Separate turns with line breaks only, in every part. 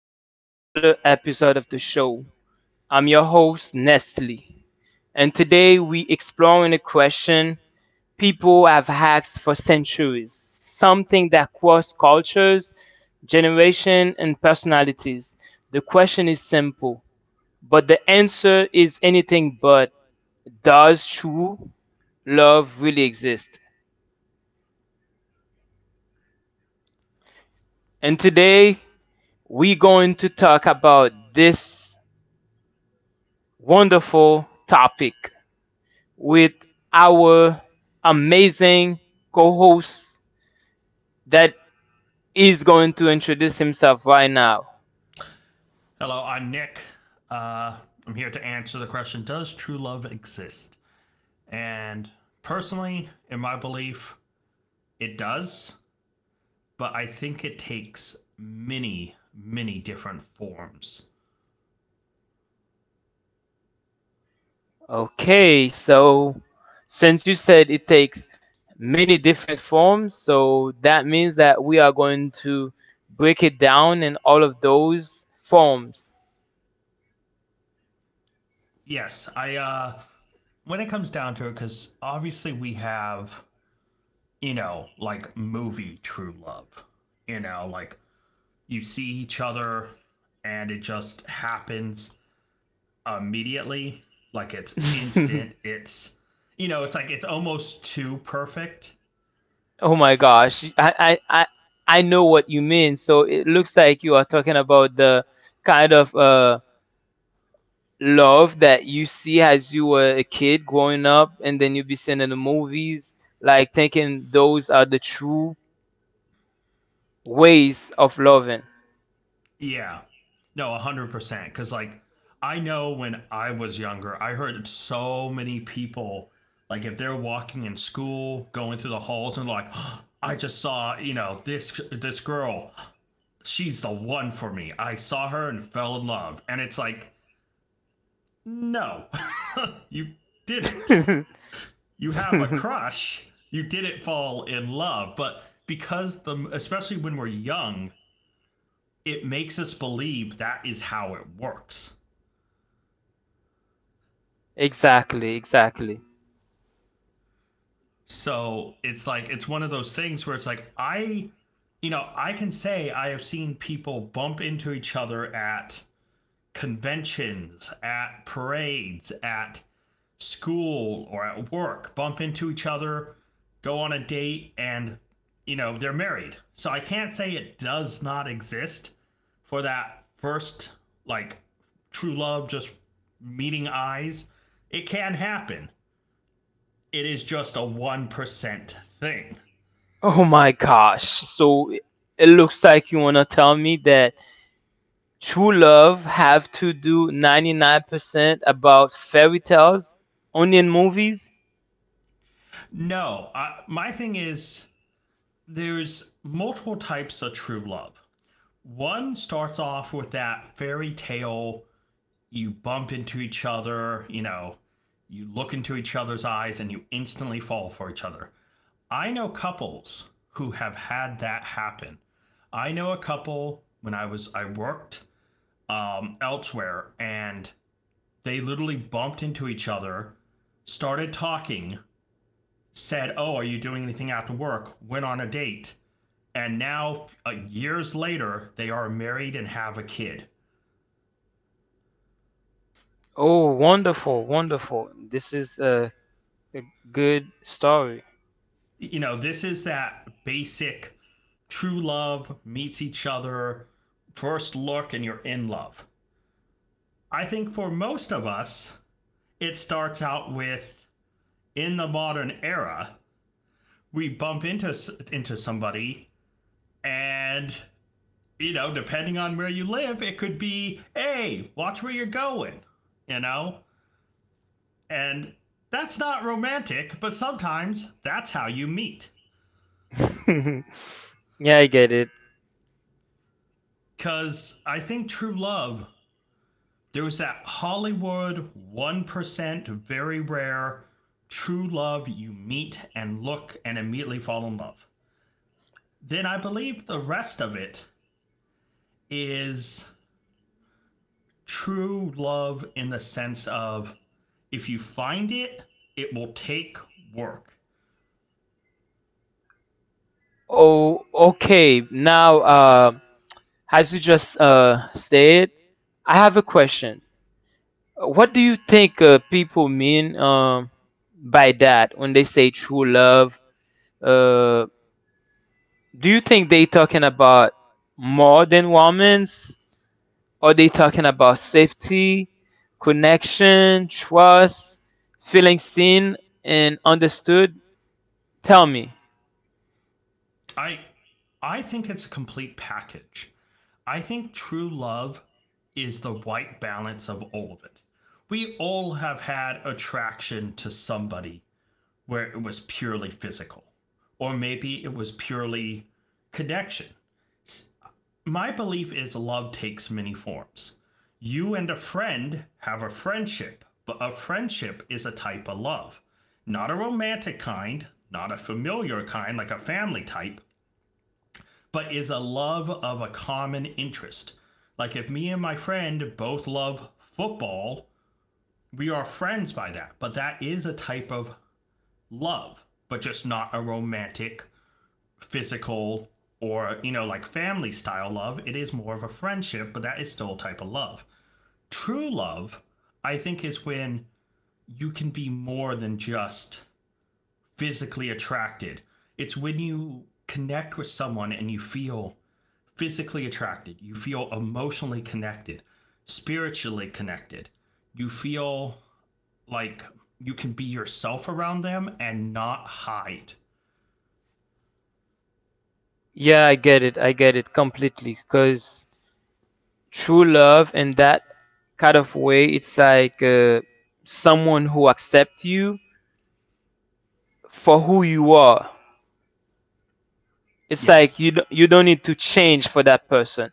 back to another episode of the show. I'm your host, Nestle, and today we exploring a question people have asked for centuries, something that crosses cultures, generation, and personalities. The question is simple, but the answer is anything but does true love really exist? And today we're going to talk about this wonderful topic with our amazing co host that is going to introduce himself right now.
Hello, I'm Nick. Uh, I'm here to answer the question, does true love exist? And personally, in my belief, it does, but I think it takes many, many different forms.
Okay, so since you said it takes many different forms, so that means that we are going to break it down in all of those forms.
Yes, when it comes down to it, because obviously we have, you know, like movie true love. You know, like you see each other and it just happens immediately. Like it's instant. It's you know, it's like it's almost too perfect.
Oh my gosh, I know what you mean. So it looks like you are talking about the kind of love that you see as you were a kid growing up and then you be seeing in the movies like thinking those are the true ways of loving.
Yeah. No, 100% cuz like I know when I was younger, I heard so many people, like if they're walking in school, going through the halls and like oh, I just saw, you know, this girl. She's the one for me. I saw her and fell in love. And it's like, no. You didn't. You have a crush, you didn't fall in love. But because the especially when we're young, it makes us believe that is how it works.
Exactly, exactly.
So it's like it's one of those things where it's like I you know, I can say I have seen people bump into each other at conventions, at parades, at school, or at work, bump into each other, go on a date, and, you know, they're married. So I can't say it does not exist for that first, like, true love, just meeting eyes. It can happen. It is just a 1% thing.
Oh my gosh, so it looks like you want to tell me that true love have to do 99% about fairy tales, only in movies?
No, my thing is there's multiple types of true love. One starts off with that fairy tale. You bump into each other, you know, you look into each other's eyes and you instantly fall for each other. I know couples who have had that happen. I know a couple when I worked elsewhere, and they literally bumped into each other, started talking, said, "Oh, are you doing anything after work?" Went on a date, and now years later they are married and have a kid.
Oh, wonderful, wonderful. This is a good story.
You know, this is that basic true love, meets each other, first look, and you're in love. I think for most of us, it starts out with, in the modern era, we bump into somebody, and you know, depending on where you live, it could be, "Hey, watch where you're going." You know? And that's not romantic, but sometimes that's how you meet.
Yeah, I get it.
Cuz I think true love, there was that Hollywood 1%, very rare, true love you meet and look and immediately fall in love. Then I believe the rest of it is true love in the sense of, if you find it, it will take work.
Oh, okay. Now, as you just said, I have a question. What do you think people mean by that when they say true love? Uh, do you think they talking about more than romance? Are they talking about safety, connection, trust, feeling seen and understood? Tell me.
I I think it's a complete package. I think true love is the right balance of all of it. We all have had attraction to somebody where it was purely physical, or maybe it was purely connection. My belief is love takes many forms. You and a friend have a friendship, but a friendship is a type of love. Not a romantic kind, not a familiar kind like a family type, but is a love of a common interest. Like if me and my friend both love football, we are friends by that, but that is a type of love, but just not a romantic, physical, or, you know, like family style love. It is more of a friendship, but that is still a type of love. True love, I think, is when you can be more than just physically attracted. It's when you connect with someone and you feel physically attracted, you feel emotionally connected, spiritually connected, you feel like you can be yourself around them and not hide.
Yeah, I get it. I get it completely. Because true love in that kind of way, it's like someone who accepts you for who you are. It's like
Yes.
you don't need to change for that person.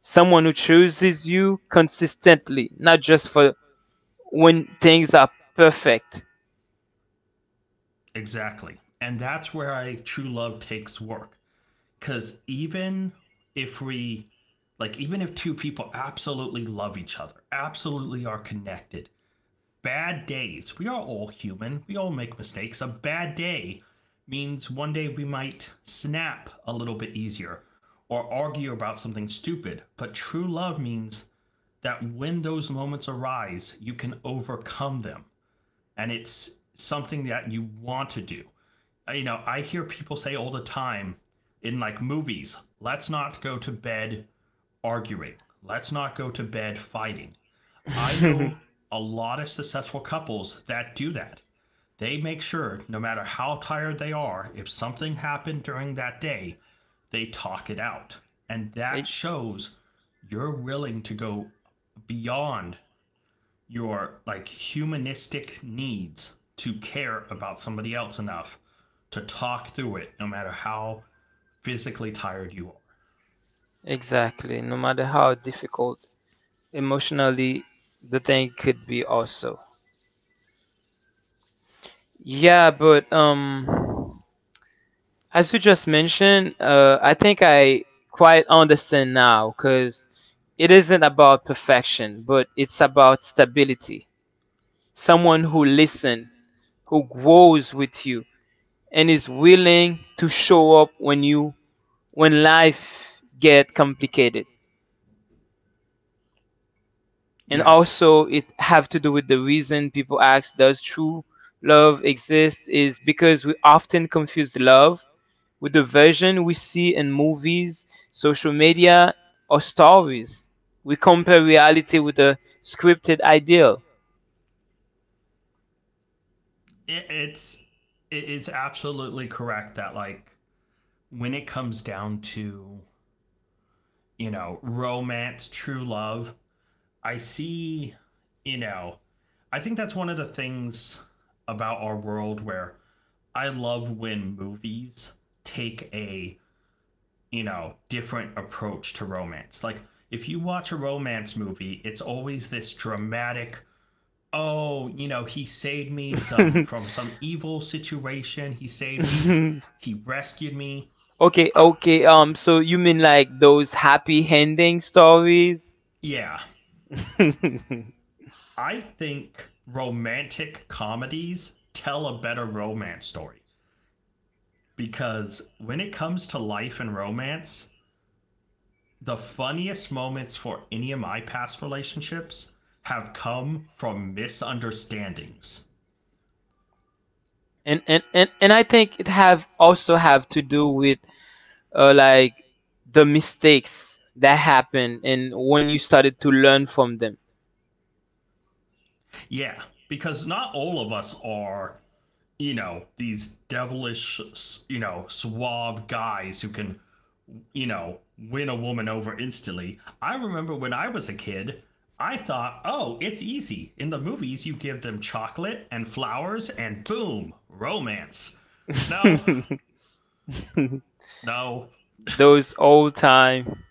Someone who chooses you consistently, not just for when things are perfect.
Exactly. And that's where I true love takes work. Cause even if we like even if two people absolutely love each other, absolutely are connected, bad days, we are all human, we all make mistakes. A bad day means one day we might snap a little bit easier or argue about something stupid. But true love means that when those moments arise, you can overcome them, and it's something that you want to do. You know, I hear people say all the time in like movies, let's not go to bed arguing. Let's not go to bed fighting. I know a lot of successful couples that do that. They make sure, no matter how tired they are, if something happened during that day, they talk it out. And that
E-
shows you're willing to go beyond your like humanistic needs to care about somebody else enough to talk through it no matter how physically tired you are.
exactly. No matter how difficult emotionally the thing could be also. Yeah, but as you just mentioned, I think I quite understand now cuz it isn't about perfection, but it's about stability. Someone who listens who grows with you and is willing to show up when life get complicated. And
Yes,
also it have to do with the reason people ask does true love exist is because we often confuse love with the version we see in movies, social media or stories. We compare reality with a scripted ideal.
it it is absolutely correct that, like, when it comes down to, you know, romance, true love, I see, you know, I think that's one of the things about our world where I love when movies take a, you know, different approach to romance. Like, if you watch a romance movie, it's always this dramatic, oh, you know, he saved me some from some evil situation. He saved me. He rescued me.
Okay,
I,
okay. So you mean like those happy ending stories?
yeah.
and
I think romantic comedies tell a better romance story because when it comes to life and romance, the funniest moments for any of my past relationships have come from misunderstandings.
and I think it have also have to do with like the mistakes that happened and when you started to learn from them.
Yeah, because not all of us are, you know, these devilish, you know, suave guys who can, you know, win a woman over instantly. I remember when I was a kid, I thought, oh, it's easy. In the movies, you give them chocolate and flowers and boom, romance. No, no,
Those old time.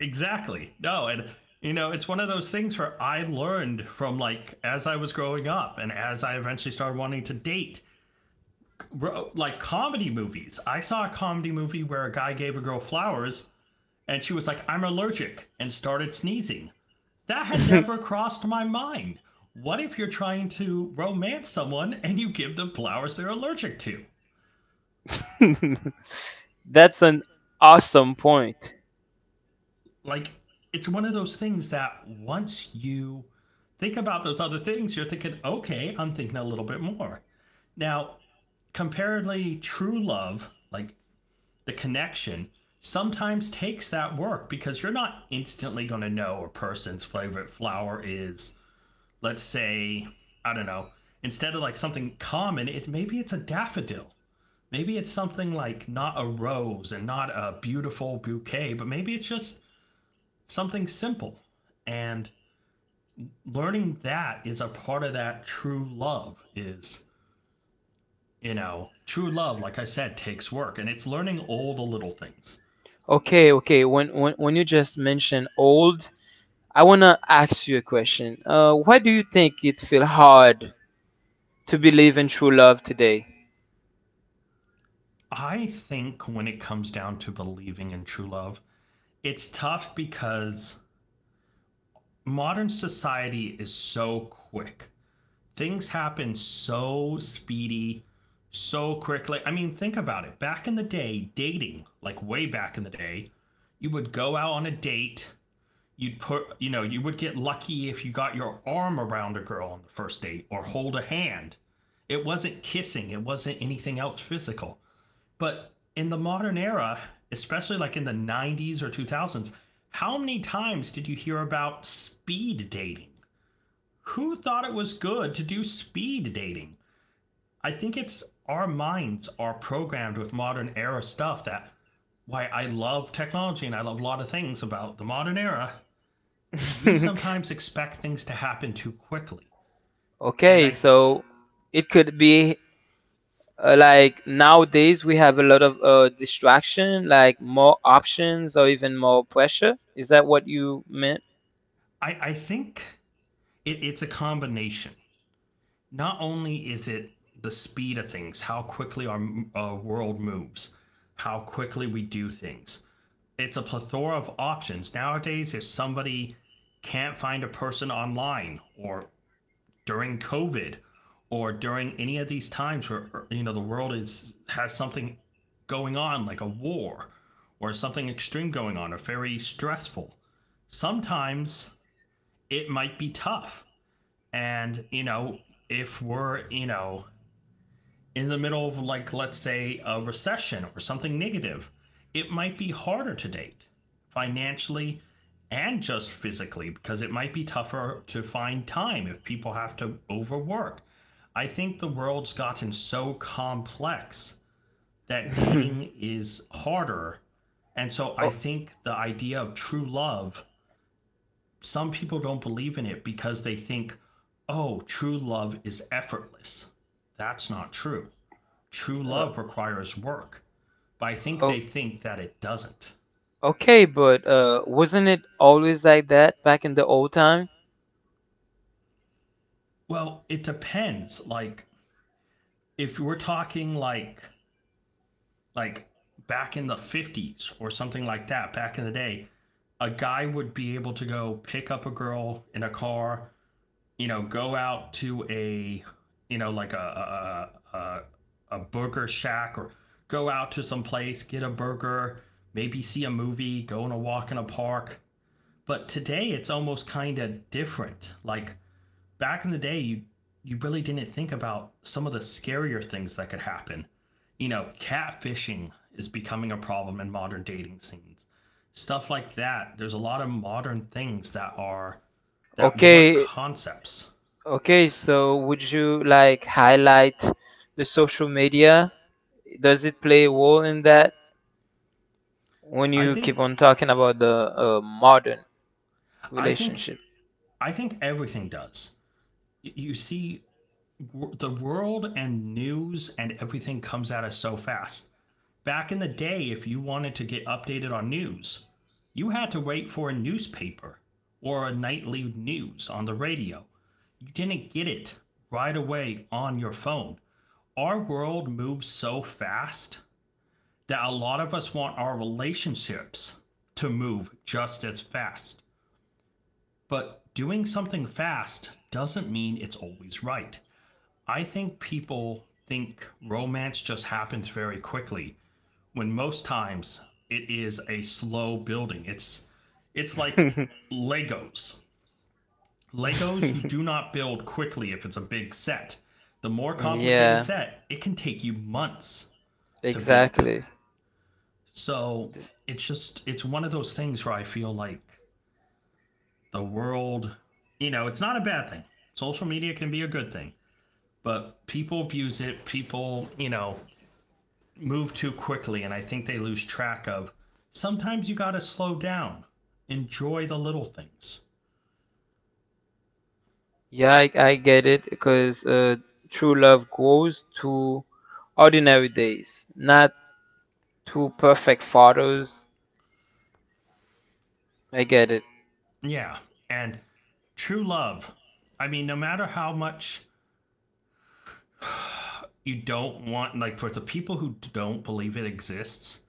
exactly. No, and you know, it's one of those things where I learned from, like, as I was growing up and as I eventually started wanting to date, like comedy movies. I saw a comedy movie where a guy gave a girl flowers and she was like, I'm allergic, and started sneezing. That had never crossed my mind. What if you're trying to romance someone and you give them flowers they're allergic to?
That's an awesome point.
Like, it's one of those things that once you think about those other things, you're thinking, okay, I'm thinking a little bit more. Now, comparatively, true love, like the connection, sometimes takes that work because you're not instantly going to know a person's favorite flower is, let's say, I don't know, instead of like something common, it maybe it's a daffodil, maybe it's something like not a rose and not a beautiful bouquet, but maybe it's just something simple, and learning that is a part of that true love is, you know, true love like I said takes work, and it's learning all the little things.
Okay, okay. When you just mentioned old, I want to ask you a question. Why do you think it feel hard to believe in true love today?
I think when it comes down to believing in true love, it's tough because modern society is so quick. Things happen so speedy, so quickly. I mean, think about it. Back in the day, dating, like way back in the day, you would go out on a date. You'd put, you know, you would get lucky if you got your arm around a girl on the first date or hold a hand. It wasn't kissing, it wasn't anything else physical, but in the modern era, especially like in the 90s or 2000s, how many times did you hear about speed dating? Who thought it was good to do speed dating? I think it's our minds are programmed with modern era stuff that, why I love technology and I love a lot of things about the modern era, we sometimes expect things to happen too quickly. And
Okay,
I
so it could be like nowadays we have a lot of distraction, like more options or even more pressure. Is that what you meant?
I think it's a combination. Not only is it the speed of things, how quickly our world moves, how quickly we do things. It's a plethora of options. Nowadays, if somebody can't find a person online or during COVID or during any of these times where you know the world is has something going on like a war or something extreme going on or very stressful, sometimes it might be tough, and, you know, if we're, you know, in the middle of like, let's say, a recession or something negative, it might be harder to date financially and just physically because it might be tougher to find time if people have to overwork. I think the world's gotten so complex that dating is harder. And so I
oh,
think the idea of true love, some people don't believe in it because they think, oh, true love is effortless. That's not true. True
uh,
love requires work, but I think
oh,
they think that it doesn't.
okay, but wasn't it always like that back in the old time?
Well, it depends. Like, if we're talking like back in the 50s or something like that, back in the day, a guy would be able to go pick up a girl in a car, you know, go out to a, you know, like a burger shack or go out to some place, get a burger, maybe see a movie, go on a walk in a park. But today it's almost kind of different. Like, back in the day, you really didn't think about some of the scarier things that could happen. You know, catfishing is becoming a problem in modern dating scenes. Stuff like that. There's a lot of modern things that are that weren't
Okay,
concepts.
okay. So would you like highlight the social media does it play a role in that when
I
you keep
think
on talking about the modern
I think
relationship?
I think everything does. You see, the world and news and everything comes at us so fast. Back in the day, if you wanted to get updated on news, you had to wait for a newspaper or a nightly news on the radio. You didn't get it right away on your phone. Our world moves so fast that a lot of us want our relationships to move just as fast. But doing something fast doesn't mean it's always right. I think people think romance just happens very quickly when most times it is a slow building. It's like Legos. Legos you do not build quickly if it's a big set. The more complicated
Yeah,
set, it can take you months to build.
exactly.
So,
This-
it's just it's one of those things where I feel like the world, you know, it's not a bad thing. Social media can be a good thing, but people abuse it. People, you know, move too quickly, and I think they lose track of sometimes you got to slow down, enjoy the little things.
yeah, I get it because true love grows to ordinary days not to perfect photos. I get it.
Yeah. And true love, I mean, no matter how much you don't want, like for the people who don't believe it exists,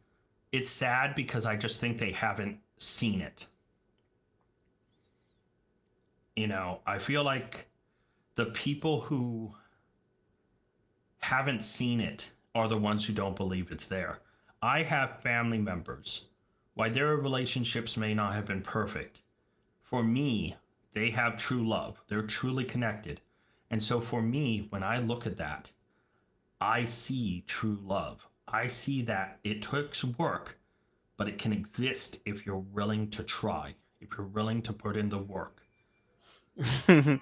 it's sad because I just think they haven't seen it. You know, I feel like the people who haven't seen it are the ones who don't believe it's there. I have family members. While their relationships may not have been perfect. For me, they have true love. They're truly connected. And so for me, when I look at that, I see true love. I see that it takes work, but it can exist if you're willing to try, if you're willing to put in the work.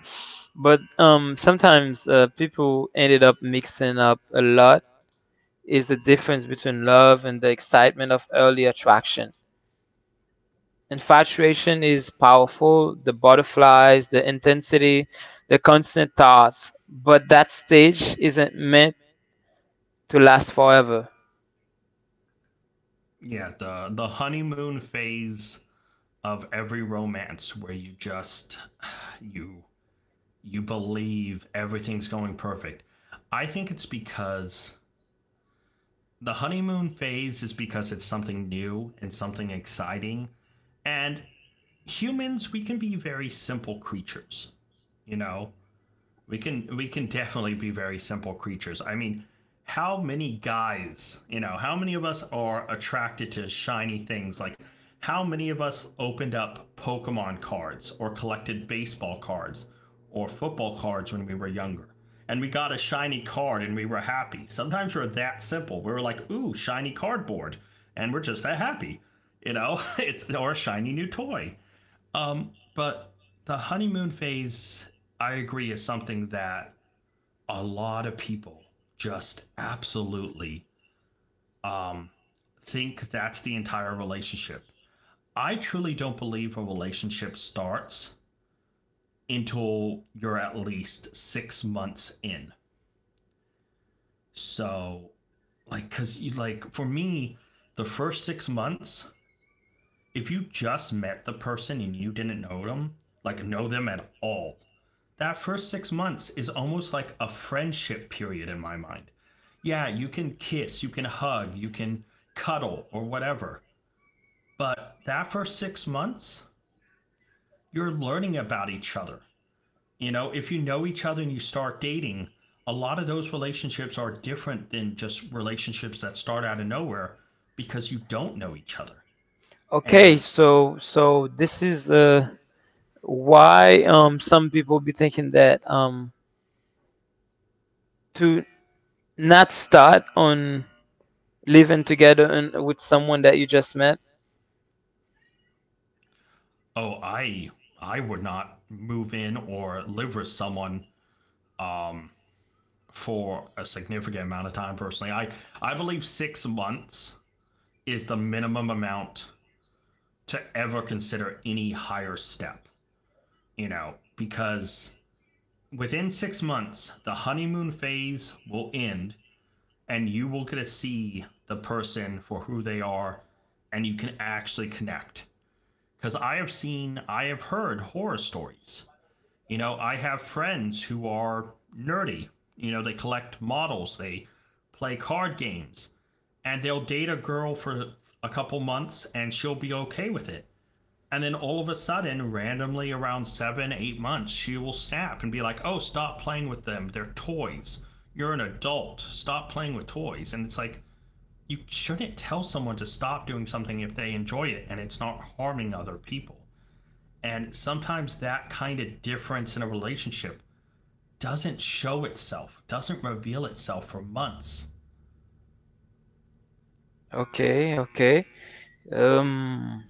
But sometimes people ended up mixing up a lot is the difference between love and the excitement of early attraction. Infatuation is powerful, the butterflies, the intensity, the constant thoughts, but that stage isn't meant to last forever.
Yeah, the honeymoon phase of every romance where you just you you believe everything's going perfect. I think it's because the honeymoon phase is because it's something new and something exciting. And humans, we can be very simple creatures, you know? We can definitely be very simple creatures. I mean, how many guys, you know, how many of us are attracted to shiny things? Like how many of us opened up Pokemon cards or collected baseball cards or football cards when we were younger? And we got a shiny card and we were happy. Sometimes we're that simple. We were like, "Ooh, shiny cardboard." And we're just that happy. You know, it's or a shiny new toy. But the honeymoon phase, I agree, is something that a lot of people just absolutely um, think that's the entire relationship. I truly don't believe a relationship starts until you're at least 6 months in. So, like, cause you like for me, the first 6 months if you just met the person and you didn't know them, like know them at all, that first 6 months is almost like a friendship period in my mind. Yeah, you can kiss, you can hug, you can cuddle or whatever. But that first 6 months, you're learning about each other. You know, if you know each other and you start dating, a lot of those relationships are different than just relationships that start out of nowhere because you don't know each other.
Okay,
And
so this is why some people be thinking that to not start on living together and with someone that you just met.
oh, I would not move in or live with someone um for a significant amount of time personally. I believe 6 months is the minimum amount to ever consider any higher step, you know, because within 6 months the honeymoon phase will end and you will get to see the person for who they are and you can actually connect. Cuz I have heard horror stories. You know, I have friends who are nerdy. You know, they collect models, they play card games, and they'll date a girl for a couple months and she'll be okay with it. And then all of a sudden, randomly around seven, 8 months, she will snap and be like, oh, stop playing with them. They're toys. You're an adult. Stop playing with toys. And it's like, you shouldn't tell someone to stop doing something if they enjoy it and it's not harming other people. And sometimes that kind of difference in a relationship doesn't show itself, doesn't reveal itself for months.
Okay, okay. Um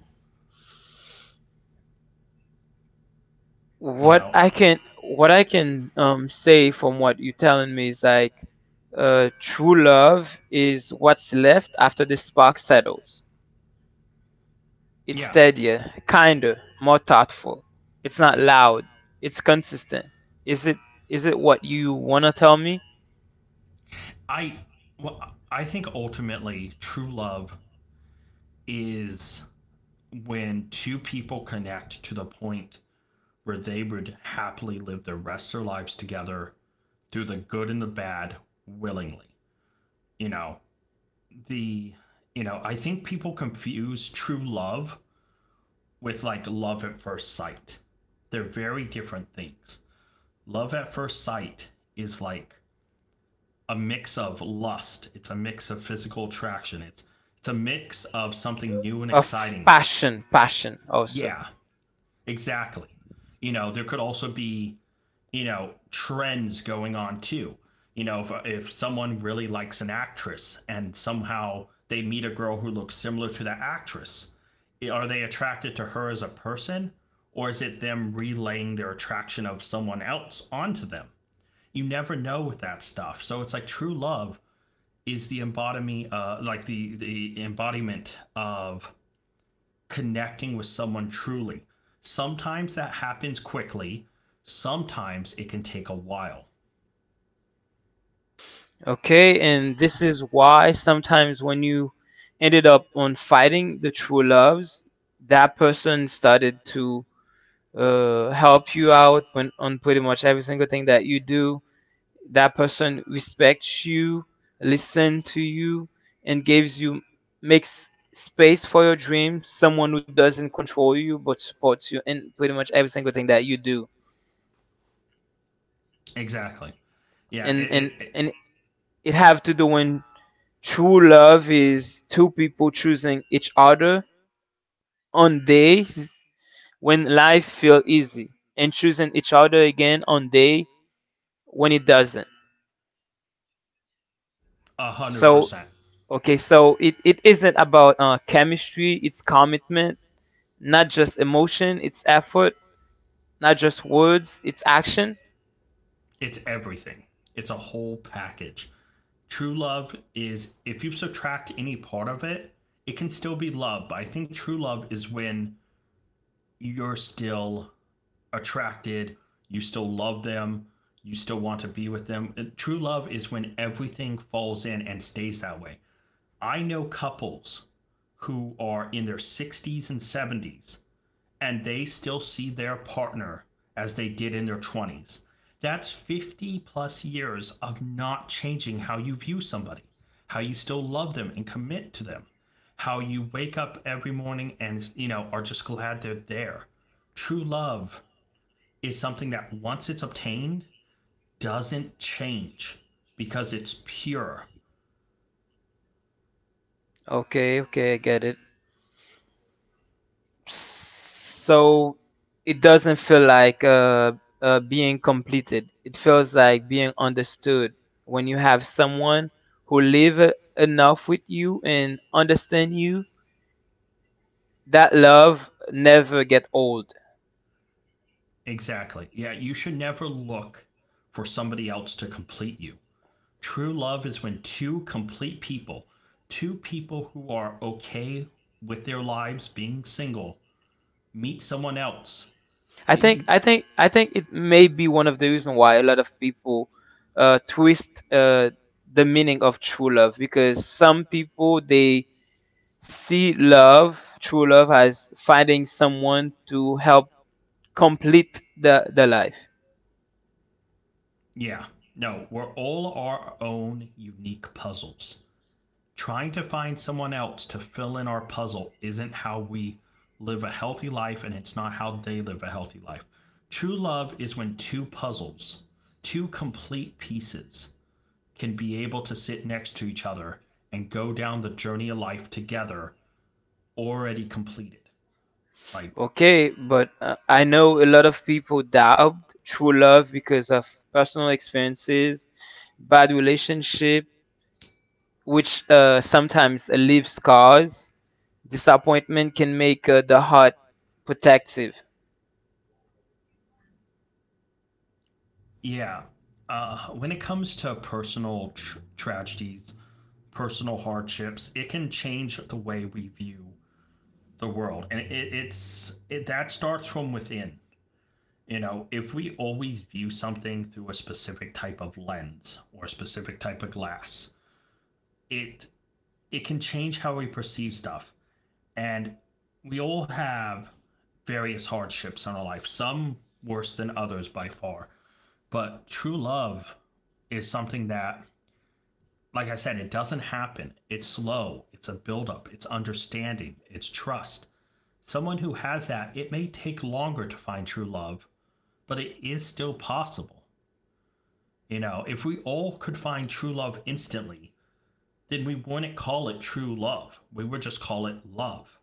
You
what
know,
I
I
can what I can say from what you're telling me is like true love is what's left after the spark settles. It's
yeah,
steadier, kinder, more thoughtful. It's not loud. It's consistent. Is it is it what you wanna tell me?
I well, I think ultimately true love is when two people connect to the point where they would happily live the rest of their lives together through the good and the bad willingly. You know, the you know, I think people confuse true love with like love at first sight. They're very different things. Love at first sight is like a mix of lust, it's a mix of physical attraction, it's a mix of something new and
Of
exciting.
passion also.
Yeah, exactly. You know, there could also be, you know, trends going on too. You know, if someone really likes an actress and somehow they meet a girl who looks similar to that actress, are they attracted to her as a person? Or is it them relaying their attraction of someone else onto them? You never know with that stuff. So it's like true love is the embodiment, like the embodiment of connecting with someone truly. Sometimes that happens quickly, sometimes it can take a while.
Okay, and this is why sometimes when you ended up on fighting the true loves, that person started to help you out when on pretty much every single thing that you do, that person respects you, listen to you, and gives you makes space for your dreams. Someone who doesn't control you but supports you in pretty much every single thing that you do.
Exactly. Yeah, it,
And and
it, it
and it have to do when true love is two people choosing each other on days when life feel easy and choosing each other again on day when it doesn't. So,
100%.
okay, so it isn't about chemistry, it's commitment. Not just emotion, it's effort. Not just words, it's action.
It's everything, it's a whole package. True love is, if you subtract any part of it, it can still be love. But I think true love is when you're still attracted, you still love them, you still want to be with them. True love is when everything falls in and stays that way. I know couples who are in their 60s and 70s and they still see their partner as they did in their 20s. That's 50 plus years of not changing how you view somebody, how you still love them and commit to them, how you wake up every morning and, you know, are just glad they're there. True love is something that once it's obtained doesn't change because it's pure.
Okay, okay, I get it. So it doesn't feel like being completed. It feels like being understood when you have someone who live enough with you and understand you. That love never get old.
Exactly. Yeah, you should never look for somebody else to complete you. True love is when two complete people, two people who are okay with their lives being single, meet someone else.
I
I
think I think
think
I think it may be one of the reason why a lot of people twist the meaning of true love because some people they see love, true love, as finding someone to help complete the life.
yeah. No, we're all our own unique puzzles. Trying to find someone else to fill in our puzzle isn't how we live a healthy life, and it's not how they live a healthy life. True love is when two puzzles, two complete pieces, can be able to sit next to each other and go down the journey of life together, already completed. Like,
Okay, but I know a lot of people doubt true love because of personal experiences, bad relationship, which sometimes leave scars. Disappointment can make the heart protective.
yeah, when it comes to personal tragedies, personal hardships, it can change the way we view the world, and that starts from within. You know, if we always view something through a specific type of lens or a specific type of glass, it it can change how we perceive stuff. And we all have various hardships in our life, some worse than others by far. But true love is something that, like I said, it doesn't happen. It's slow, it's a buildup, it's understanding, it's trust. Someone who has that, it may take longer to find true love, but it is still possible. You know, if we all could find true love instantly, then we wouldn't call it true love. We would just call it love.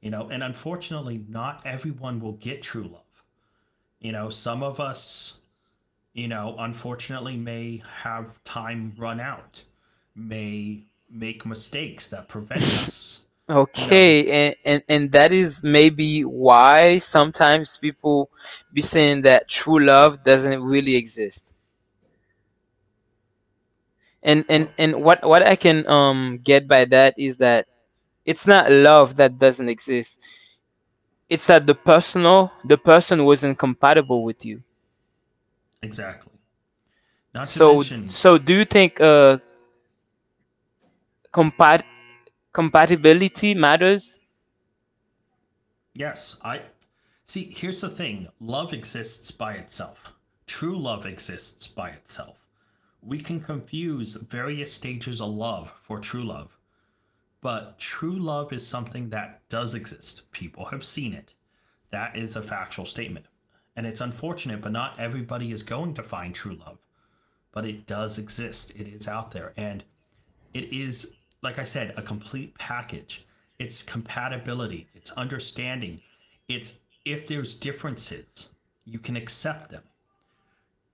You know, and unfortunately, not everyone will get true love. You know, some of us, you know, unfortunately may have time run out, may make mistakes that prevent us, you know,
Okay, and that is maybe why sometimes people be saying that true love doesn't really exist. And and
well,
and what I can get by that is that it's not love that doesn't exist. It's that the person wasn't compatible with you.
exactly. Not to
So
mention,
do you think compat compatibility matters?
yes, I see. Here's the thing, love exists by itself, true love exists by itself. We can confuse various stages of love for true love, but true love is something that does exist. People have seen it. That is a factual statement. And it's unfortunate, but not everybody is going to find true love. But it does exist, it is out there. And it is, like I said, a complete package. It's compatibility, it's understanding, it's if there's differences, you can accept them.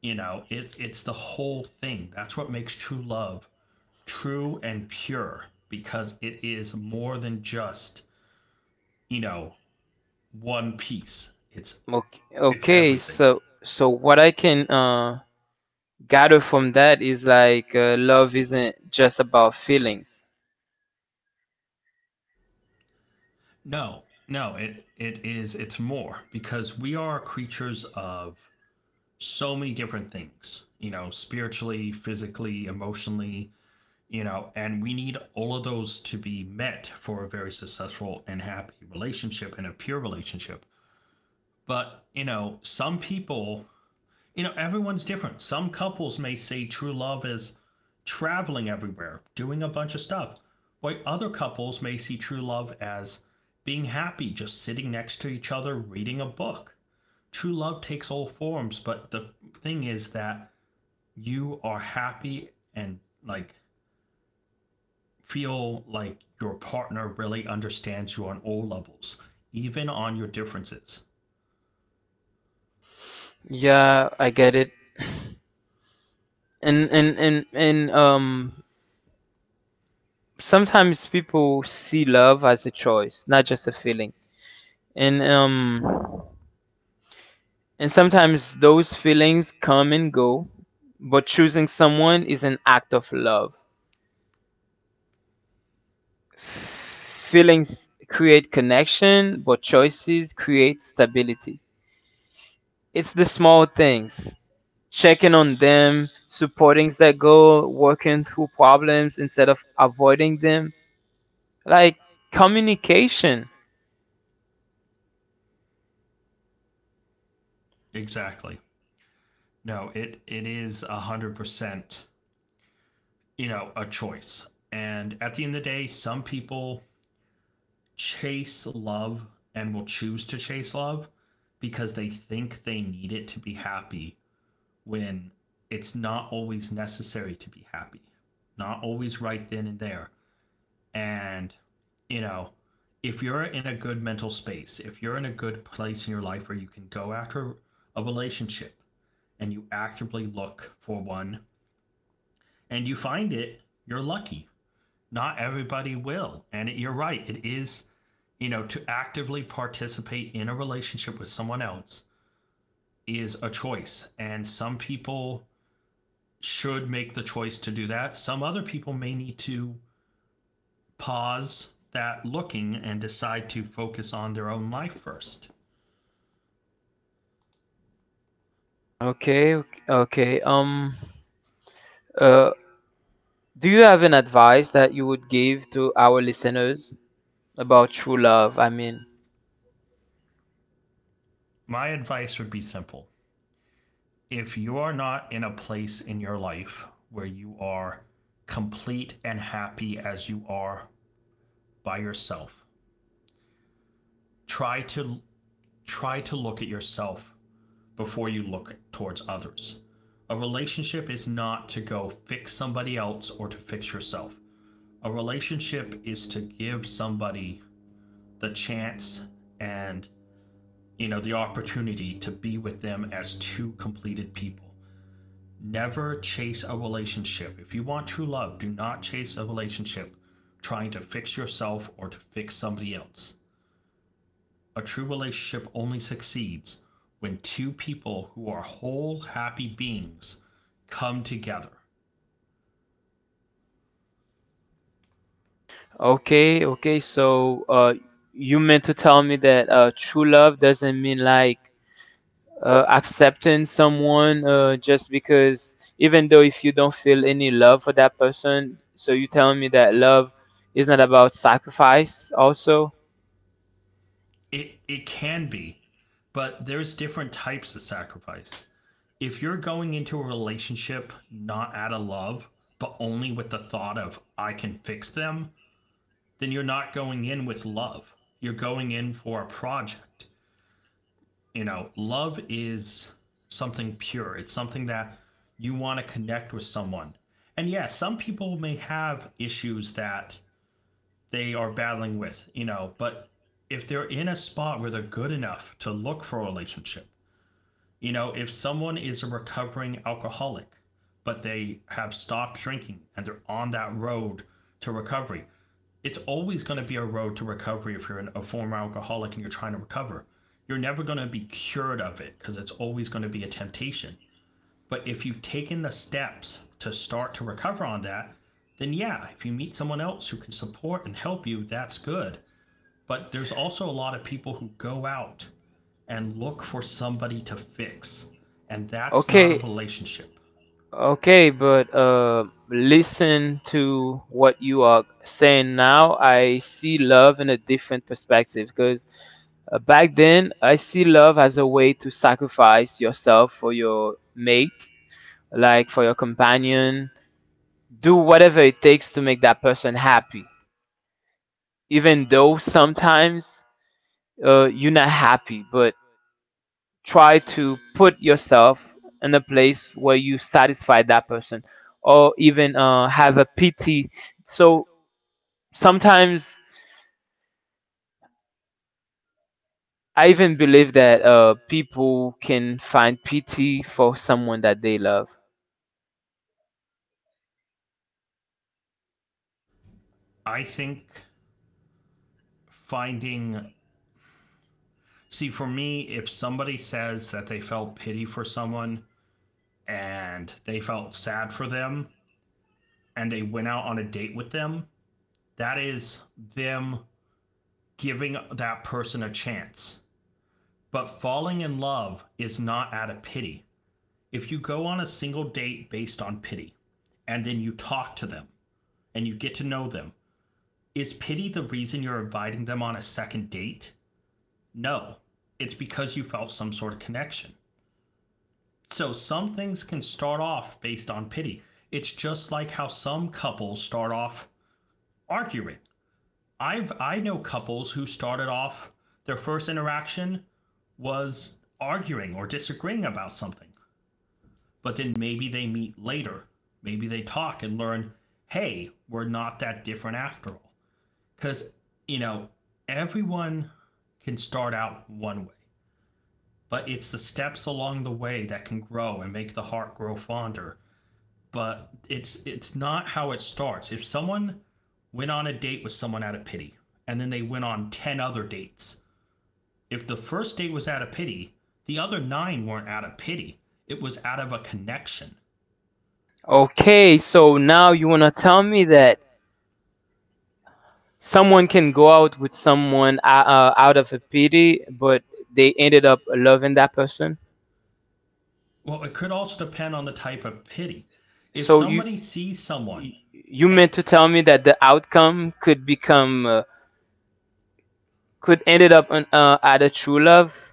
You know, it's the whole thing. That's what makes true love true and pure because it is more than just, you know, one piece.
Okay,
It's
okay,
everything.
so what I can gather from that is like love isn't just about feelings.
No, no, it is, it's more because we are creatures of so many different things, you know, spiritually, physically, emotionally, you know, and we need all of those to be met for a very successful and happy relationship and a pure relationship. But, you know, some people, you know, everyone's different. Some couples may say true love is traveling everywhere, doing a bunch of stuff. While other couples may see true love as being happy, just sitting next to each other, reading a book. True love takes all forms, but the thing is that you are happy and like feel like your partner really understands you on all levels, even on your differences.
Yeah, I get it. And sometimes people see love as a choice not just a feeling. And um And sometimes those feelings come and go, but choosing someone is an act of love. Feelings create connection, but choices create stability. It's the small things, checking on them, supporting their goal, working through problems instead of avoiding them. Like communication.
Exactly. No, it is 100%, you know, a choice. And at the end of the day, some people chase love and will choose to chase love because they think they need it to be happy when it's not always necessary to be happy. Not always right then and there. And, you know, if you're in a good mental space, if you're in a good place in your life where you can go after a relationship and you actively look for one and you find it, you're lucky. Not everybody will. And it, you're right. It is, you know, to actively participate in a relationship with someone else is a choice. And some people should make the choice to do that. Some other people may need to pause that looking and decide to focus on their own life first.
Okay, okay. Uh, do you have an advice that you would give to our listeners about true love? I mean,
My advice would be simple. If you are not in a place in your life where you are complete and happy as you are by yourself, try to try to look at yourself before you look towards others. A relationship is not to go fix somebody else or to fix yourself. A relationship is to give somebody the chance and you know, the opportunity to be with them as two completed people. Never chase a relationship. If you want true love, do not chase a relationship trying to fix yourself or to fix somebody else. A true relationship only succeeds when two people who are whole, happy beings come together.
okay, okay. So, you meant to tell me that true love doesn't mean like accepting someone just because, even though if you don't feel any love for that person, so you tell me that love is not about sacrifice also.
It can be, but there's different types of sacrifice. If you're going into a relationship not out of love, but only with the thought of I can fix them, then you're not going in with love. You're going in for a project. You know, love is something pure. It's something that you want to connect with someone. And yeah, some people may have issues that they are battling with, you know. But if they're in a spot where they're good enough to look for a relationship, you know, if someone is a recovering alcoholic, but they have stopped drinking and they're on that road to recovery, it's always going to be a road to recovery if you're a former alcoholic and you're trying to recover. You're never going to be cured of it because it's always going to be a temptation. But if you've taken the steps to start to recover on that, then yeah, if you meet someone else who can support and help you, that's good. But there's also a lot of people who go out and look for somebody to fix, and that's not a
Okay,
relationship.
okay, but listen to what you are saying now. I see love in a different perspective because back then I see love as a way to sacrifice yourself for your mate, like for your companion, do whatever it takes to make that person happy, even though sometimes you're not happy but try to put yourself in a place where you satisfy that person or even have a pity. So sometimes I even believe that people can find pity for someone that they love.
I think finding, see, for me, if somebody says that they felt pity for someone and they felt sad for them and they went out on a date with them, that is them giving that person a chance. But falling in love is not out of pity. If you go on a single date based on pity and then you talk to them and you get to know them, is pity the reason you're inviting them on a second date? No, it's because you felt some sort of connection. So some things can start off based on pity. It's just like how some couples start off arguing. I know couples who started off their first interaction was arguing or disagreeing about something, but then maybe they meet later. Maybe they talk and learn, hey, we're not that different after all. Because, you know, everyone can start out one way, but it's the steps along the way that can grow and make the heart grow fonder, but it's not how it starts. If someone went on a date with someone out of pity and then they went on 10 other dates, if the first date was out of pity, the other 9 weren't out of pity. It was out of a connection.
Okay, so now you want to tell me that someone can go out with someone out of a pity, but they ended up loving that person.
Well, it could also depend on the type of pity. If
So you
somebody sees someone
you you
eh,
meant to tell me that the outcome could ended up on, at a true love?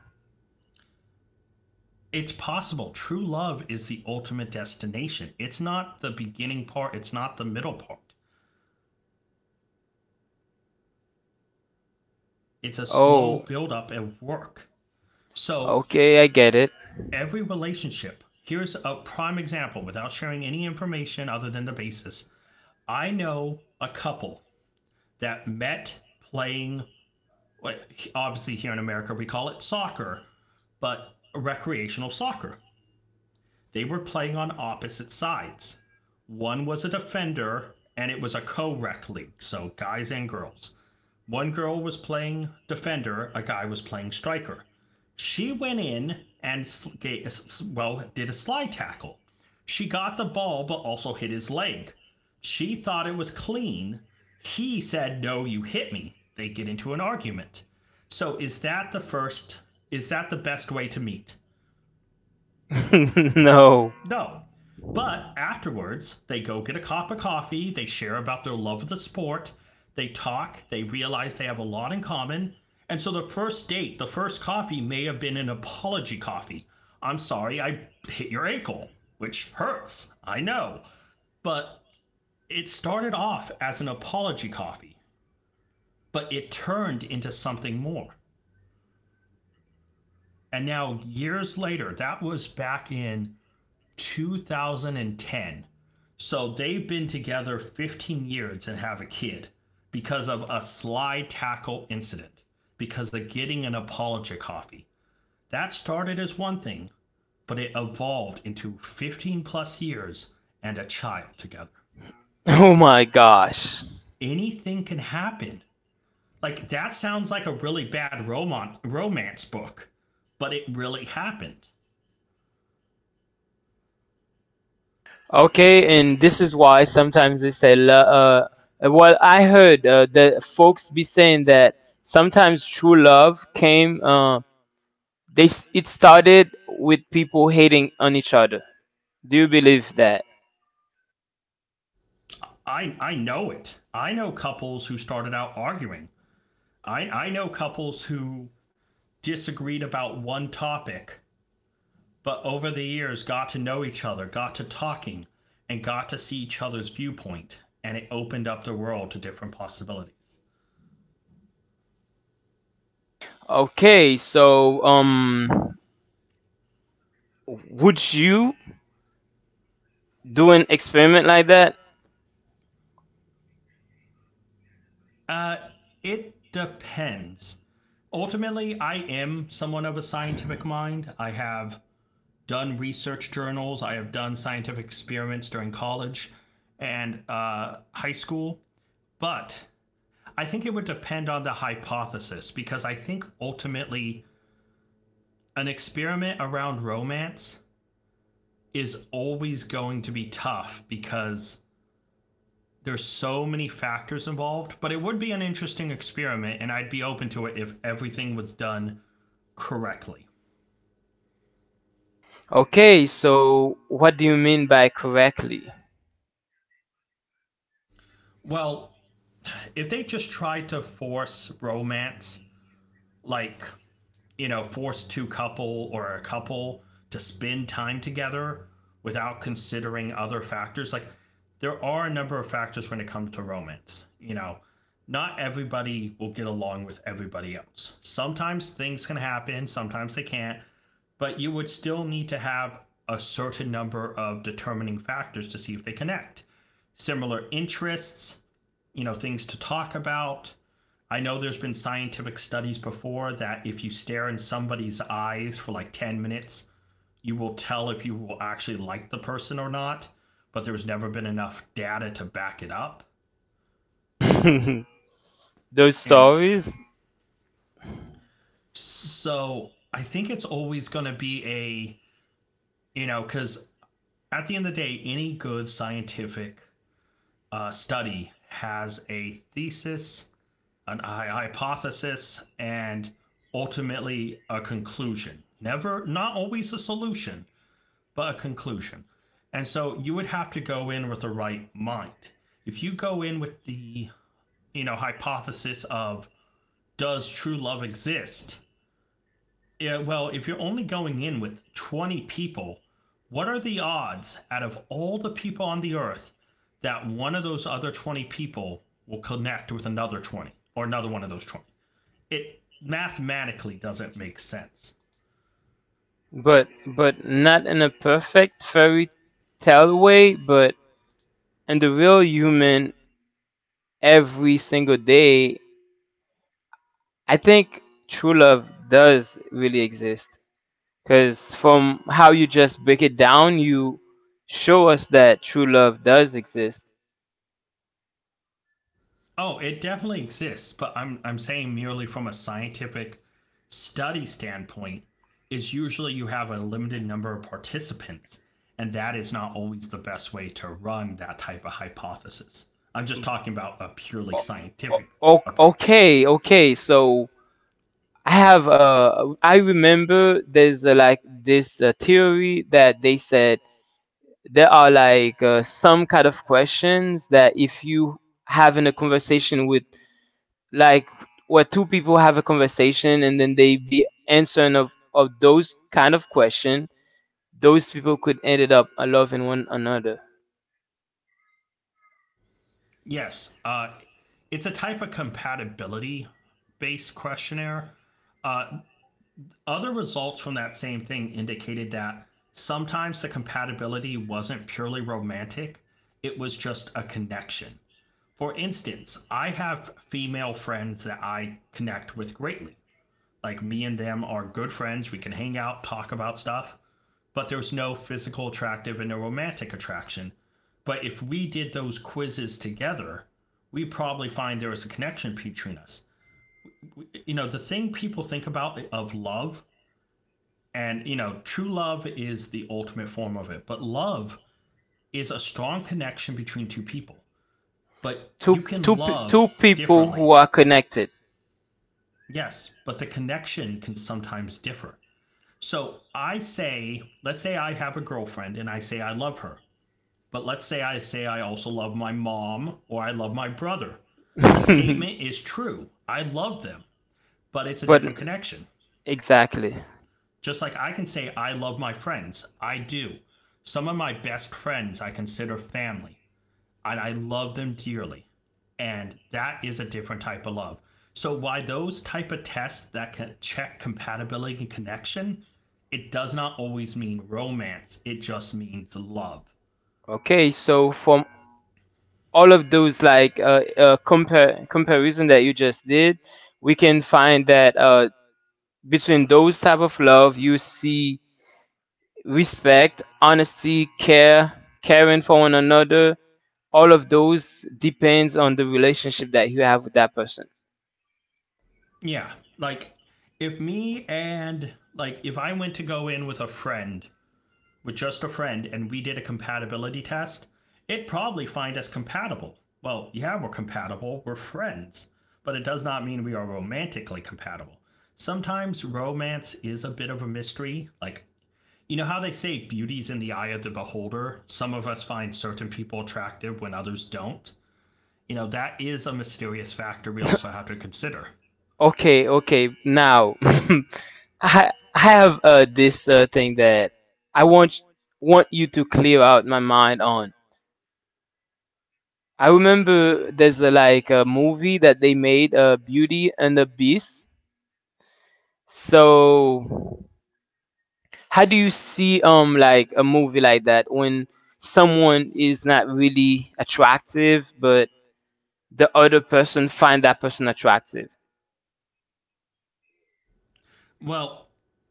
it's possible. True love is the ultimate destination. It's not the beginning part, it's not the middle part. It's a slow
Oh,
build up and work. So
okay, I get it.
every relationship, here's a prime example without sharing any information other than the basis. I know a couple that met playing, well, obviously here in America, we call it soccer, but recreational soccer. They were playing on opposite sides. One was a defender and it was a co rec league, so guys and girls. One girl was playing defender, a guy was playing striker. She went in and well did a slide tackle. She got the ball but also hit his leg. She thought it was clean. He said, "No, you hit me." They get into an argument. So is that the best way to meet?
No.
No. But afterwards, they go get a cup of coffee, they share about their love of the sport, they talk, they realize they have a lot in common. And so the first date, the first coffee may have been an apology coffee. I'm sorry, I hit your ankle, which hurts, I know. But it started off as an apology coffee, but it turned into something more. And now, years later, that was back in 2010. So they've been together 15 years and have a kid because of a slide tackle incident, because of getting an apology coffee. That started as one thing, but it evolved into 15 plus years and a child together.
Oh my gosh.
Anything can happen. Like that sounds like a really bad romance book, but it really happened.
Okay, and this is why sometimes they say, well, I heard the folks be saying that sometimes true love came, it started with people hating on each other. Do you believe that?
I know it. I know couples who started out arguing. I know couples who disagreed about one topic, but over the years got to know each other, got to talking, and got to see each other's viewpoint, and it opened up the world to different possibilities.
Okay, so would you do an experiment like that?
Uh, it depends. Ultimately, I am someone of a scientific mind. I have done research journals, I have done scientific experiments during college and high school, but I think it would depend on the hypothesis because I think ultimately an experiment around romance is always going to be tough because there's so many factors involved, but it would be an interesting experiment and I'd be open to it if everything was done correctly.
Okay, so what do you mean by correctly?
Well, if they just tried to force romance, like you know, force two couple or a couple to spend time together without considering other factors. Like there are a number of factors when it comes to romance. You know, not everybody will get along with everybody else. Sometimes things can happen, sometimes they can't, but you would still need to have a certain number of determining factors to see if they connect. Similar interests, you know, things to talk about. I know there's been scientific studies before that if you stare in somebody's eyes for like 10 minutes, you will tell if you will actually like the person or not, but there's never been enough data to back it up.
Those
And
stories,
so I think it's always going to be a, you know, because at the end of the day, any good scientific study has a thesis, hypothesis and ultimately a conclusion. Never, not always a solution, but a conclusion. And so you would have to go in with the right mind. If you go in with the, you know, hypothesis of does true love exist? Yeah, well, if you're only going in with 20 people, what are the odds out of all the people on the earth that one of those other 20 people will connect with another 20 or another one of those 20? It mathematically doesn't make sense.
but not in a perfect fairy tale way, but in the real human every single day. I think true love does really exist. Because from how you just break it down, you show us that true love does exist.
Oh, it definitely exists, but I'm saying merely from a scientific study standpoint is usually you have a limited number of participants and that is not always the best way to run that type of hypothesis. I'm just talking about a purely
O- o-
scientific
o-
approach.
okay, okay. So I remember there's like this theory that they said there are like some kind of questions that if you having a conversation with, like, where two people have a conversation and then they be answering of those kind of question, those people could ended up loving one another.
Yes, it's a type of compatibility based questionnaire. Uh, Other results from that same thing indicated that sometimes the compatibility wasn't purely romantic, it was just a connection. For instance, I have female friends that I connect with greatly. Like me and them are good friends, we can hang out, talk about stuff, but there's no physical attractive and no romantic attraction. But if we did those quizzes together, we probably find there was a connection between us. You know, the thing people think about of love and, you know, true love is the ultimate form of it. But love is a strong connection between two people. But
two
you can
two pe-
love
two people who
differently.
are connected.
Yes, but the connection can sometimes differ. So I say, let's say I have a girlfriend and I say I love her. But let's say I also love my mom or I love my brother. The statement is true. I love them, but it's a
But
different connection.
exactly.
Just like I can say I love my friends, I do. Some of my best friends I consider family, and I love them dearly. And that is a different type of love. So why those type of tests that can check compatibility and connection, it does not always mean romance. It just means love.
Okay, so from all of those like compare comparison that you just did, we can find that between those type of love you see respect, honesty, care caring for one another, all of those depends on the relationship that you have with that person.
Yeah, like if me and like if I went to go in with a friend with just a friend and we did a compatibility test, it probably find us compatible. Well, yeah, we're compatible, we're friends, but it does not mean we are romantically compatible. Sometimes romance is a bit of a mystery. Like, you know how they say beauty's in the eye of the beholder? Some of us find certain people attractive when others don't. You know, that is a mysterious factor we also have to consider.
Okay, okay. Now, I have this thing that I want you to clear out my mind on. I remember there's a, like a movie that they made, Beauty and the Beast. So, how do you see like a movie like that when someone is not really attractive, but the other person find that person attractive.
Well,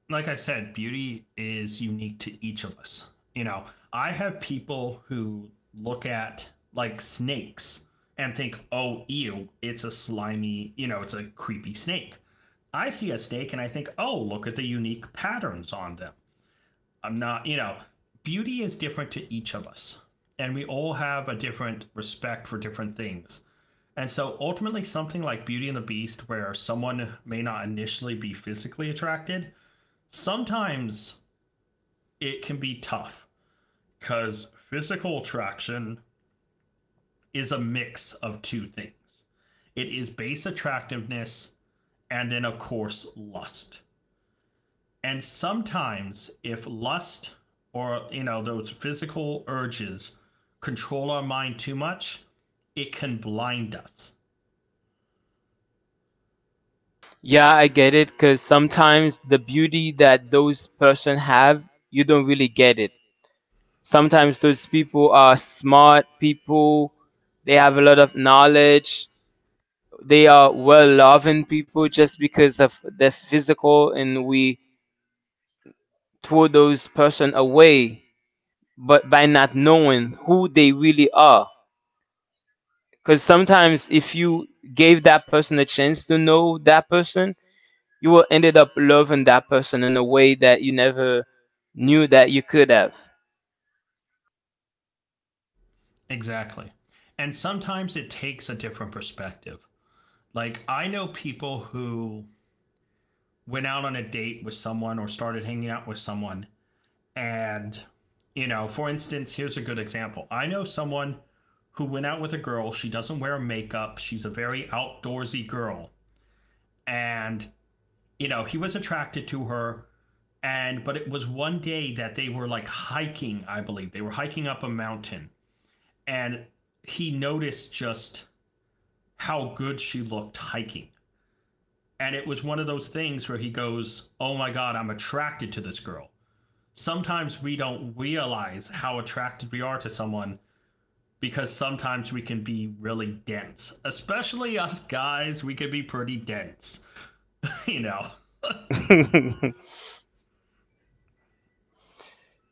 like I said, beauty is unique to each of us. You know, I have people who look at like snakes and think, oh, ew, it's a slimy, it's a creepy snake. I see a snake and I think, oh, look at the unique patterns on them. I'm not, you know, beauty is different to each of us. And we all have a different respect for different things. And so ultimately, something like Beauty and the Beast, where someone may not initially be physically attracted, sometimes it can be tough because physical attraction is a mix of two things. It is base attractiveness, and then of course lust. And sometimes if lust or, you know, those physical urges control our mind too much, it can blind us.
Yeah, I get it cuz sometimes the beauty that those person have, you don't really get it. Sometimes those people are smart people, they have a lot of knowledge, they are well loving people just because of their physical and we throw those person away but by not knowing who they really are because sometimes if you gave that person a chance to know that person you will ended up loving that person in a way that you never knew that you could have.
Exactly. And sometimes it takes a different perspective. Like I know people who went out on a date with someone or started hanging out with someone. And, you know, for instance, here's a good example. I know someone who went out with a girl. She doesn't wear makeup. She's a very outdoorsy girl. And, you know, he was attracted to her. And, but it was one day that they were like hiking, I believe. They were hiking up a mountain. And he noticed just how good she looked hiking. And it was one of those things where he goes, oh my God, I'm attracted to this girl. Sometimes we don't realize how attracted we are to someone because sometimes we can be really dense. Especially us guys, we can be pretty dense, you know.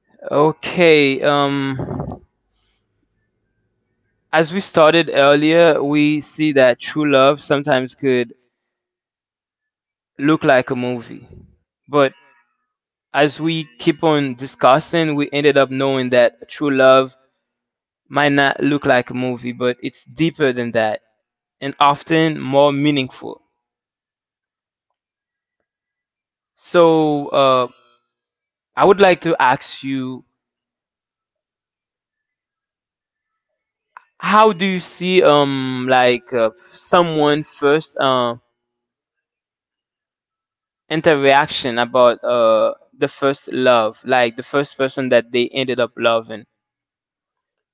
Okay, as we started earlier we see that true love sometimes could look like a movie but as we keep on discussing, we ended up knowing that true love might not look like a movie, but it's deeper than that and often more meaningful. So, I would like to ask you how do you see like someone first interaction about the first love like the first person that they ended up loving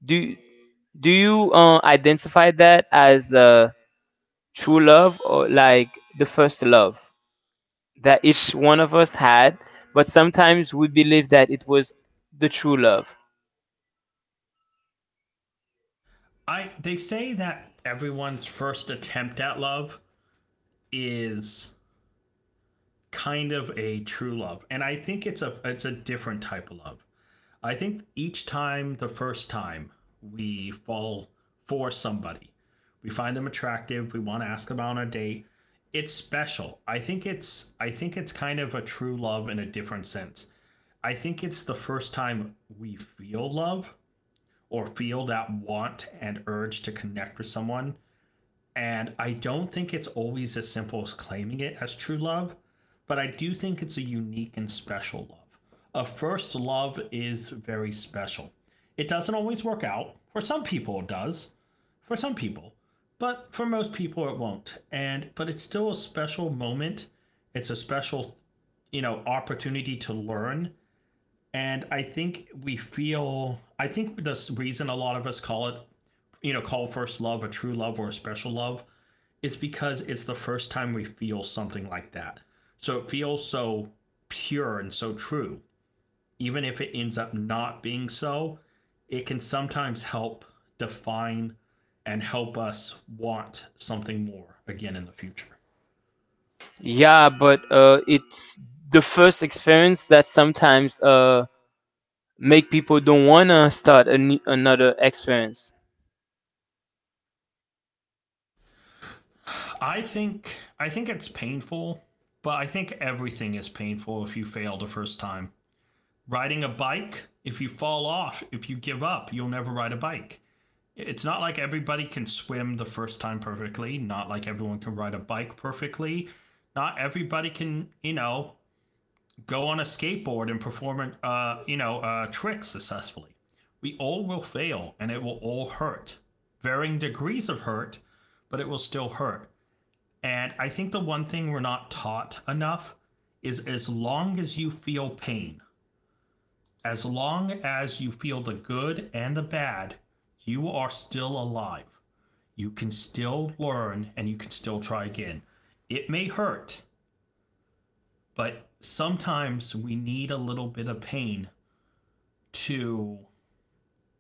do do you identify that as true love or like the first love that each one of us had, but sometimes we believe that it was the true love.
I They say that everyone's first attempt at love is kind of a true love. And I think it's a different type of love. I think each time, the first time, we fall for somebody. We find them attractive. We want to ask them out on a date. It's special. I think it's kind of a true love in a different sense. I think it's the first time we feel love or feel that want and urge to connect with someone, and I don't think it's always as simple as claiming it as true love, but I do think it's a unique and special love. A first love is very special. It doesn't always work out. For some people, it does. For some people. But for most people, it won't. And but it's still a special moment. It's a special, you know, opportunity to learn and I think we feel. I think the reason a lot of us call it, you know, call first love a true love or a special love, is because it's the first time we feel something like that. So it feels so pure and so true. Even if it ends up not being so, it can sometimes help define and help us want something more again in the future.
Yeah, but it's the first experience that sometimes make people don't wanna start a another experience.
I think I think it's painful, but I think everything is painful if you fail the first time. Riding a bike, if you fall off, if you give up, you'll never ride a bike. It's not like everybody can swim the first time perfectly, not like everyone can ride a bike perfectly. Not everybody can, you know, go on a skateboard and perform you know, tricks successfully. We all will fail and it will all hurt. Varying degrees of hurt, but it will still hurt. And I think the one thing we're not taught enough is as long as you feel pain, as long as you feel the good and the bad, you are still alive. You can still learn and you can still try again. It may hurt, but sometimes we need a little bit of pain to,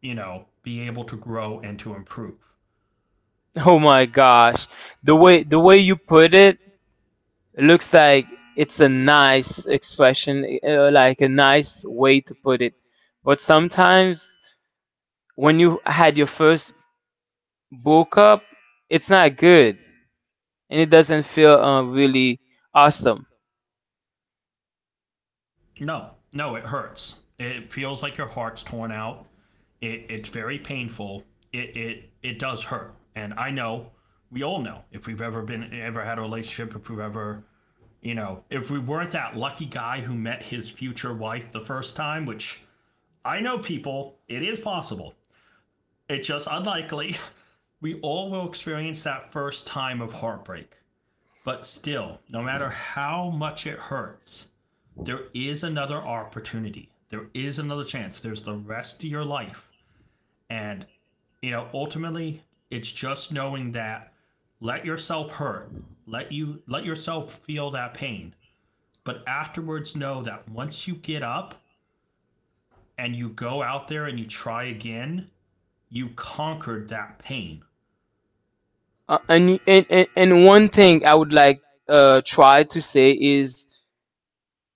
you know, be able to grow and to improve.
Oh my gosh, the way you put it looks like it's a nice expression, like a nice way to put it. But sometimes when you had your first book up, it's not good. And it doesn't feel really awesome.
No, no, it hurts. It feels like your heart's torn out. It's very painful. It does hurt, and I know we all know if we've ever been ever had a relationship, if we've ever, you know, if we weren't that lucky guy who met his future wife the first time, which I know people, it is possible. It's just unlikely. We all will experience that first time of heartbreak. But still, no matter how much it hurts, there is another opportunity. There is another chance. There's the rest of your life. And, you know, ultimately, it's just knowing that let yourself hurt. Let yourself feel that pain. But afterwards know that once you get up and you go out there and you try again, you conquered that pain.
And one thing I would like try to say is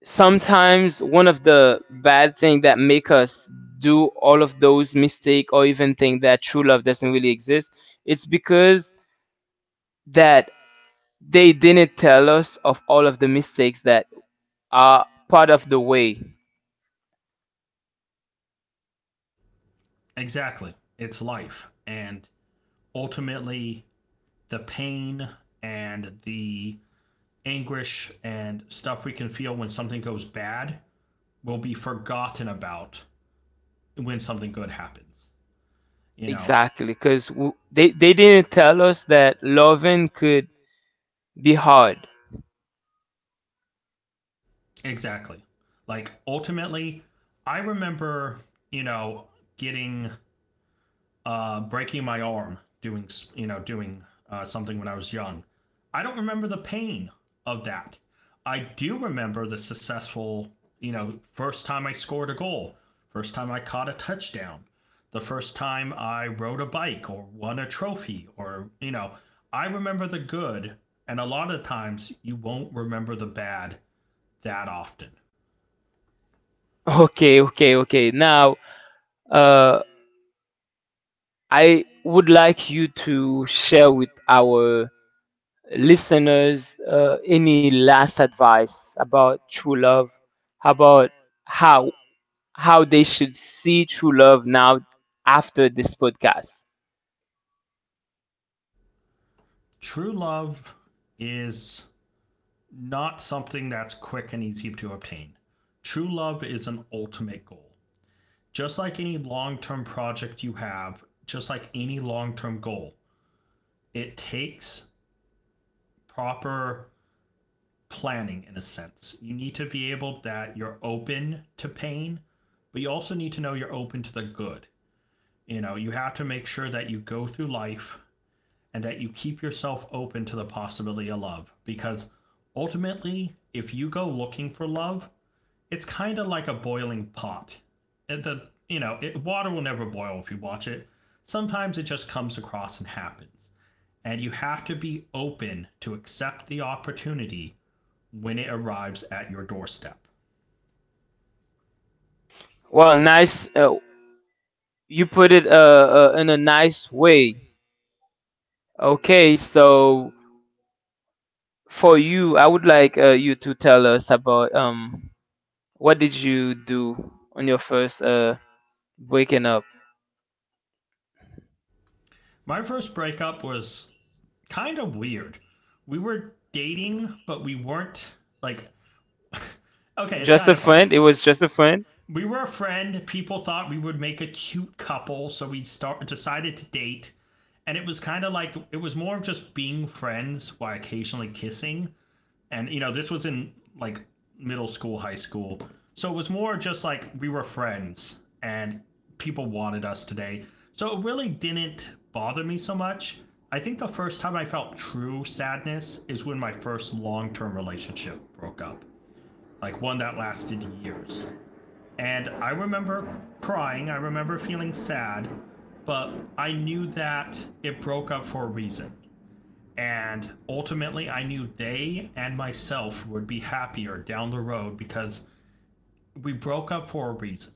sometimes one of the bad thing that make us do all of those mistake or even think that true love doesn't really exist it's because that they didn't tell us of all of the mistakes that are part of the way
Exactly. It's life. And ultimately the pain and the anguish and stuff we can feel when something goes bad will be forgotten about when something good happens. You know?
exactly because they didn't tell us that loving could be hard.
Exactly. Like, ultimately, I remember, you know, getting breaking my arm doing you know doing something when I was young. I don't remember the pain of that. I do remember the successful, you know, first time I scored a goal, first time I caught a touchdown, the first time I rode a bike or won a trophy, or you know, I remember the good, and a lot of times you won't remember the bad that often.
Okay, now. Uh, I would like you to share with our listeners any last advice about true love, about how how they should see true love now after this podcast.
True love is not something that's quick and easy to obtain. True love is an ultimate goal. Just like any long term project you have, just like any long term goal, it takes proper planning in a sense. You need to be able that you're open to pain, but you also need to know you're open to the good. You know, you have to make sure that you go through life and that you keep yourself open to the possibility of love because ultimately, if you go looking for love, it's kind of like a boiling pot. It, the You know water will never boil if you watch it. Sometimes it just comes across and happens, and you have to be open to accept the opportunity when it arrives at your doorstep.
Well, nice. You put it in a nice way. Okay, so for you, I would like you to tell us about what did you do on your first breaking up.
My first breakup was kind of weird. We were dating, but we weren't like. Okay, it's
Just
kind
a
of funny.
friend. It was just a friend.
We were a friend. People thought we would make a cute couple, so we start decided to date. And it was kind of like it was more of just being friends while occasionally kissing. And you know, this was in like middle school, high school. So it was more just like we were friends and people wanted us today. So it really didn't bother me so much. I think the first time I felt true sadness is when my first long term relationship broke up, like one that lasted years. And I remember crying, I remember feeling sad, but I knew that it broke up for a reason. And ultimately, I knew they and myself would be happier down the road because we broke up for a reason.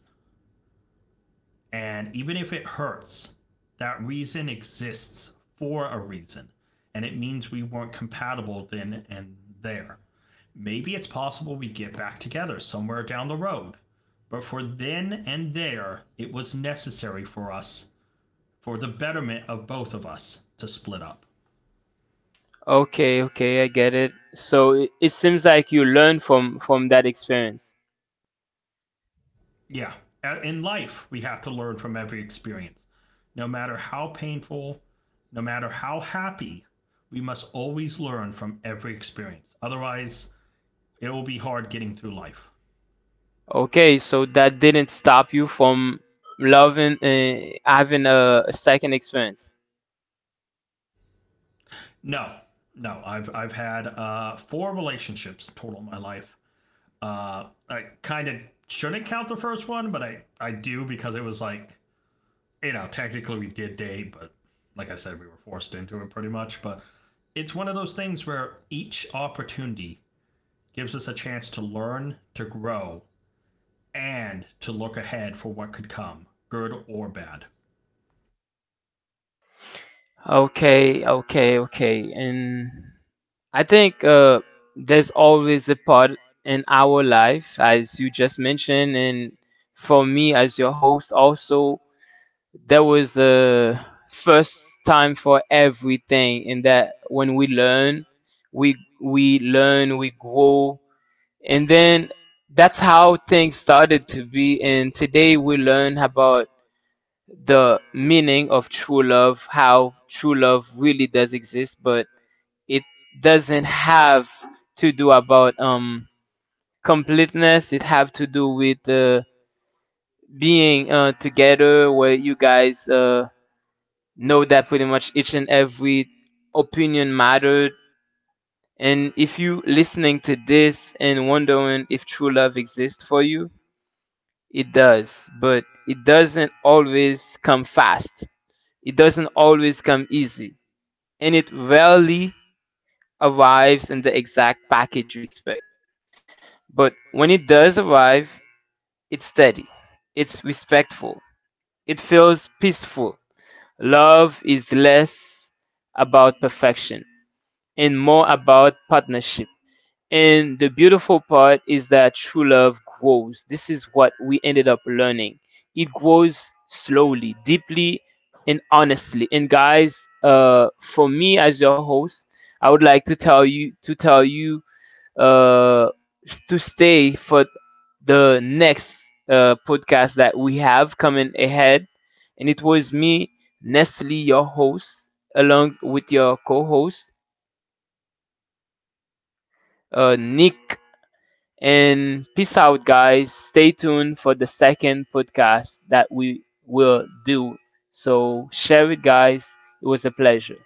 And even if it hurts, that reason exists for a reason. And it means we weren't compatible then and there. Maybe it's possible we get back together somewhere down the road. But for then and there, it was necessary for us, for the betterment of both of us, to split up.
Okay, okay, I get it. So it seems like you learned from that experience.
Yeah. In life, we have to learn from every experience. No matter how painful, no matter how happy, we must always learn from every experience. Otherwise, it will be hard getting through life.
Okay, so that didn't stop you from loving having a second experience.
No, no. I've had four relationships total in my life. I kind of shouldn't count the first one, but I do because it was like, you know, technically we did date, but like I said, we were forced into it pretty much. But it's one of those things where each opportunity gives us a chance to learn, to grow, and to look ahead for what could come, good or bad.
Okay, okay, okay. And I think there's always a part in our life, as you just mentioned, and for me as your host also, that was the first time for everything in that when we learn we we learn we grow and then that's how things started to be and today we learn about the meaning of true love how true love really does exist but it doesn't have to do about completeness it have to do with being together where you guys know that pretty much each and every opinion mattered. And if you listening to this and wondering if true love exists for you, it does, but it doesn't always come fast. It doesn't always come easy, and it rarely arrives in the exact package you expect. But when it does arrive, it's steady, it's respectful, it feels peaceful. Love is less about perfection and more about partnership. And the beautiful part is that true love grows. This is what we ended up learning. It grows slowly, deeply, and honestly. And guys, for me as your host, I would like to tell you uh, to stay for the next podcast that we have coming ahead. And it was me, Nestle, your host, along with your co-host, Nick. And peace out, guys. Stay tuned for the second podcast that we will do. So share it, guys. It was a pleasure.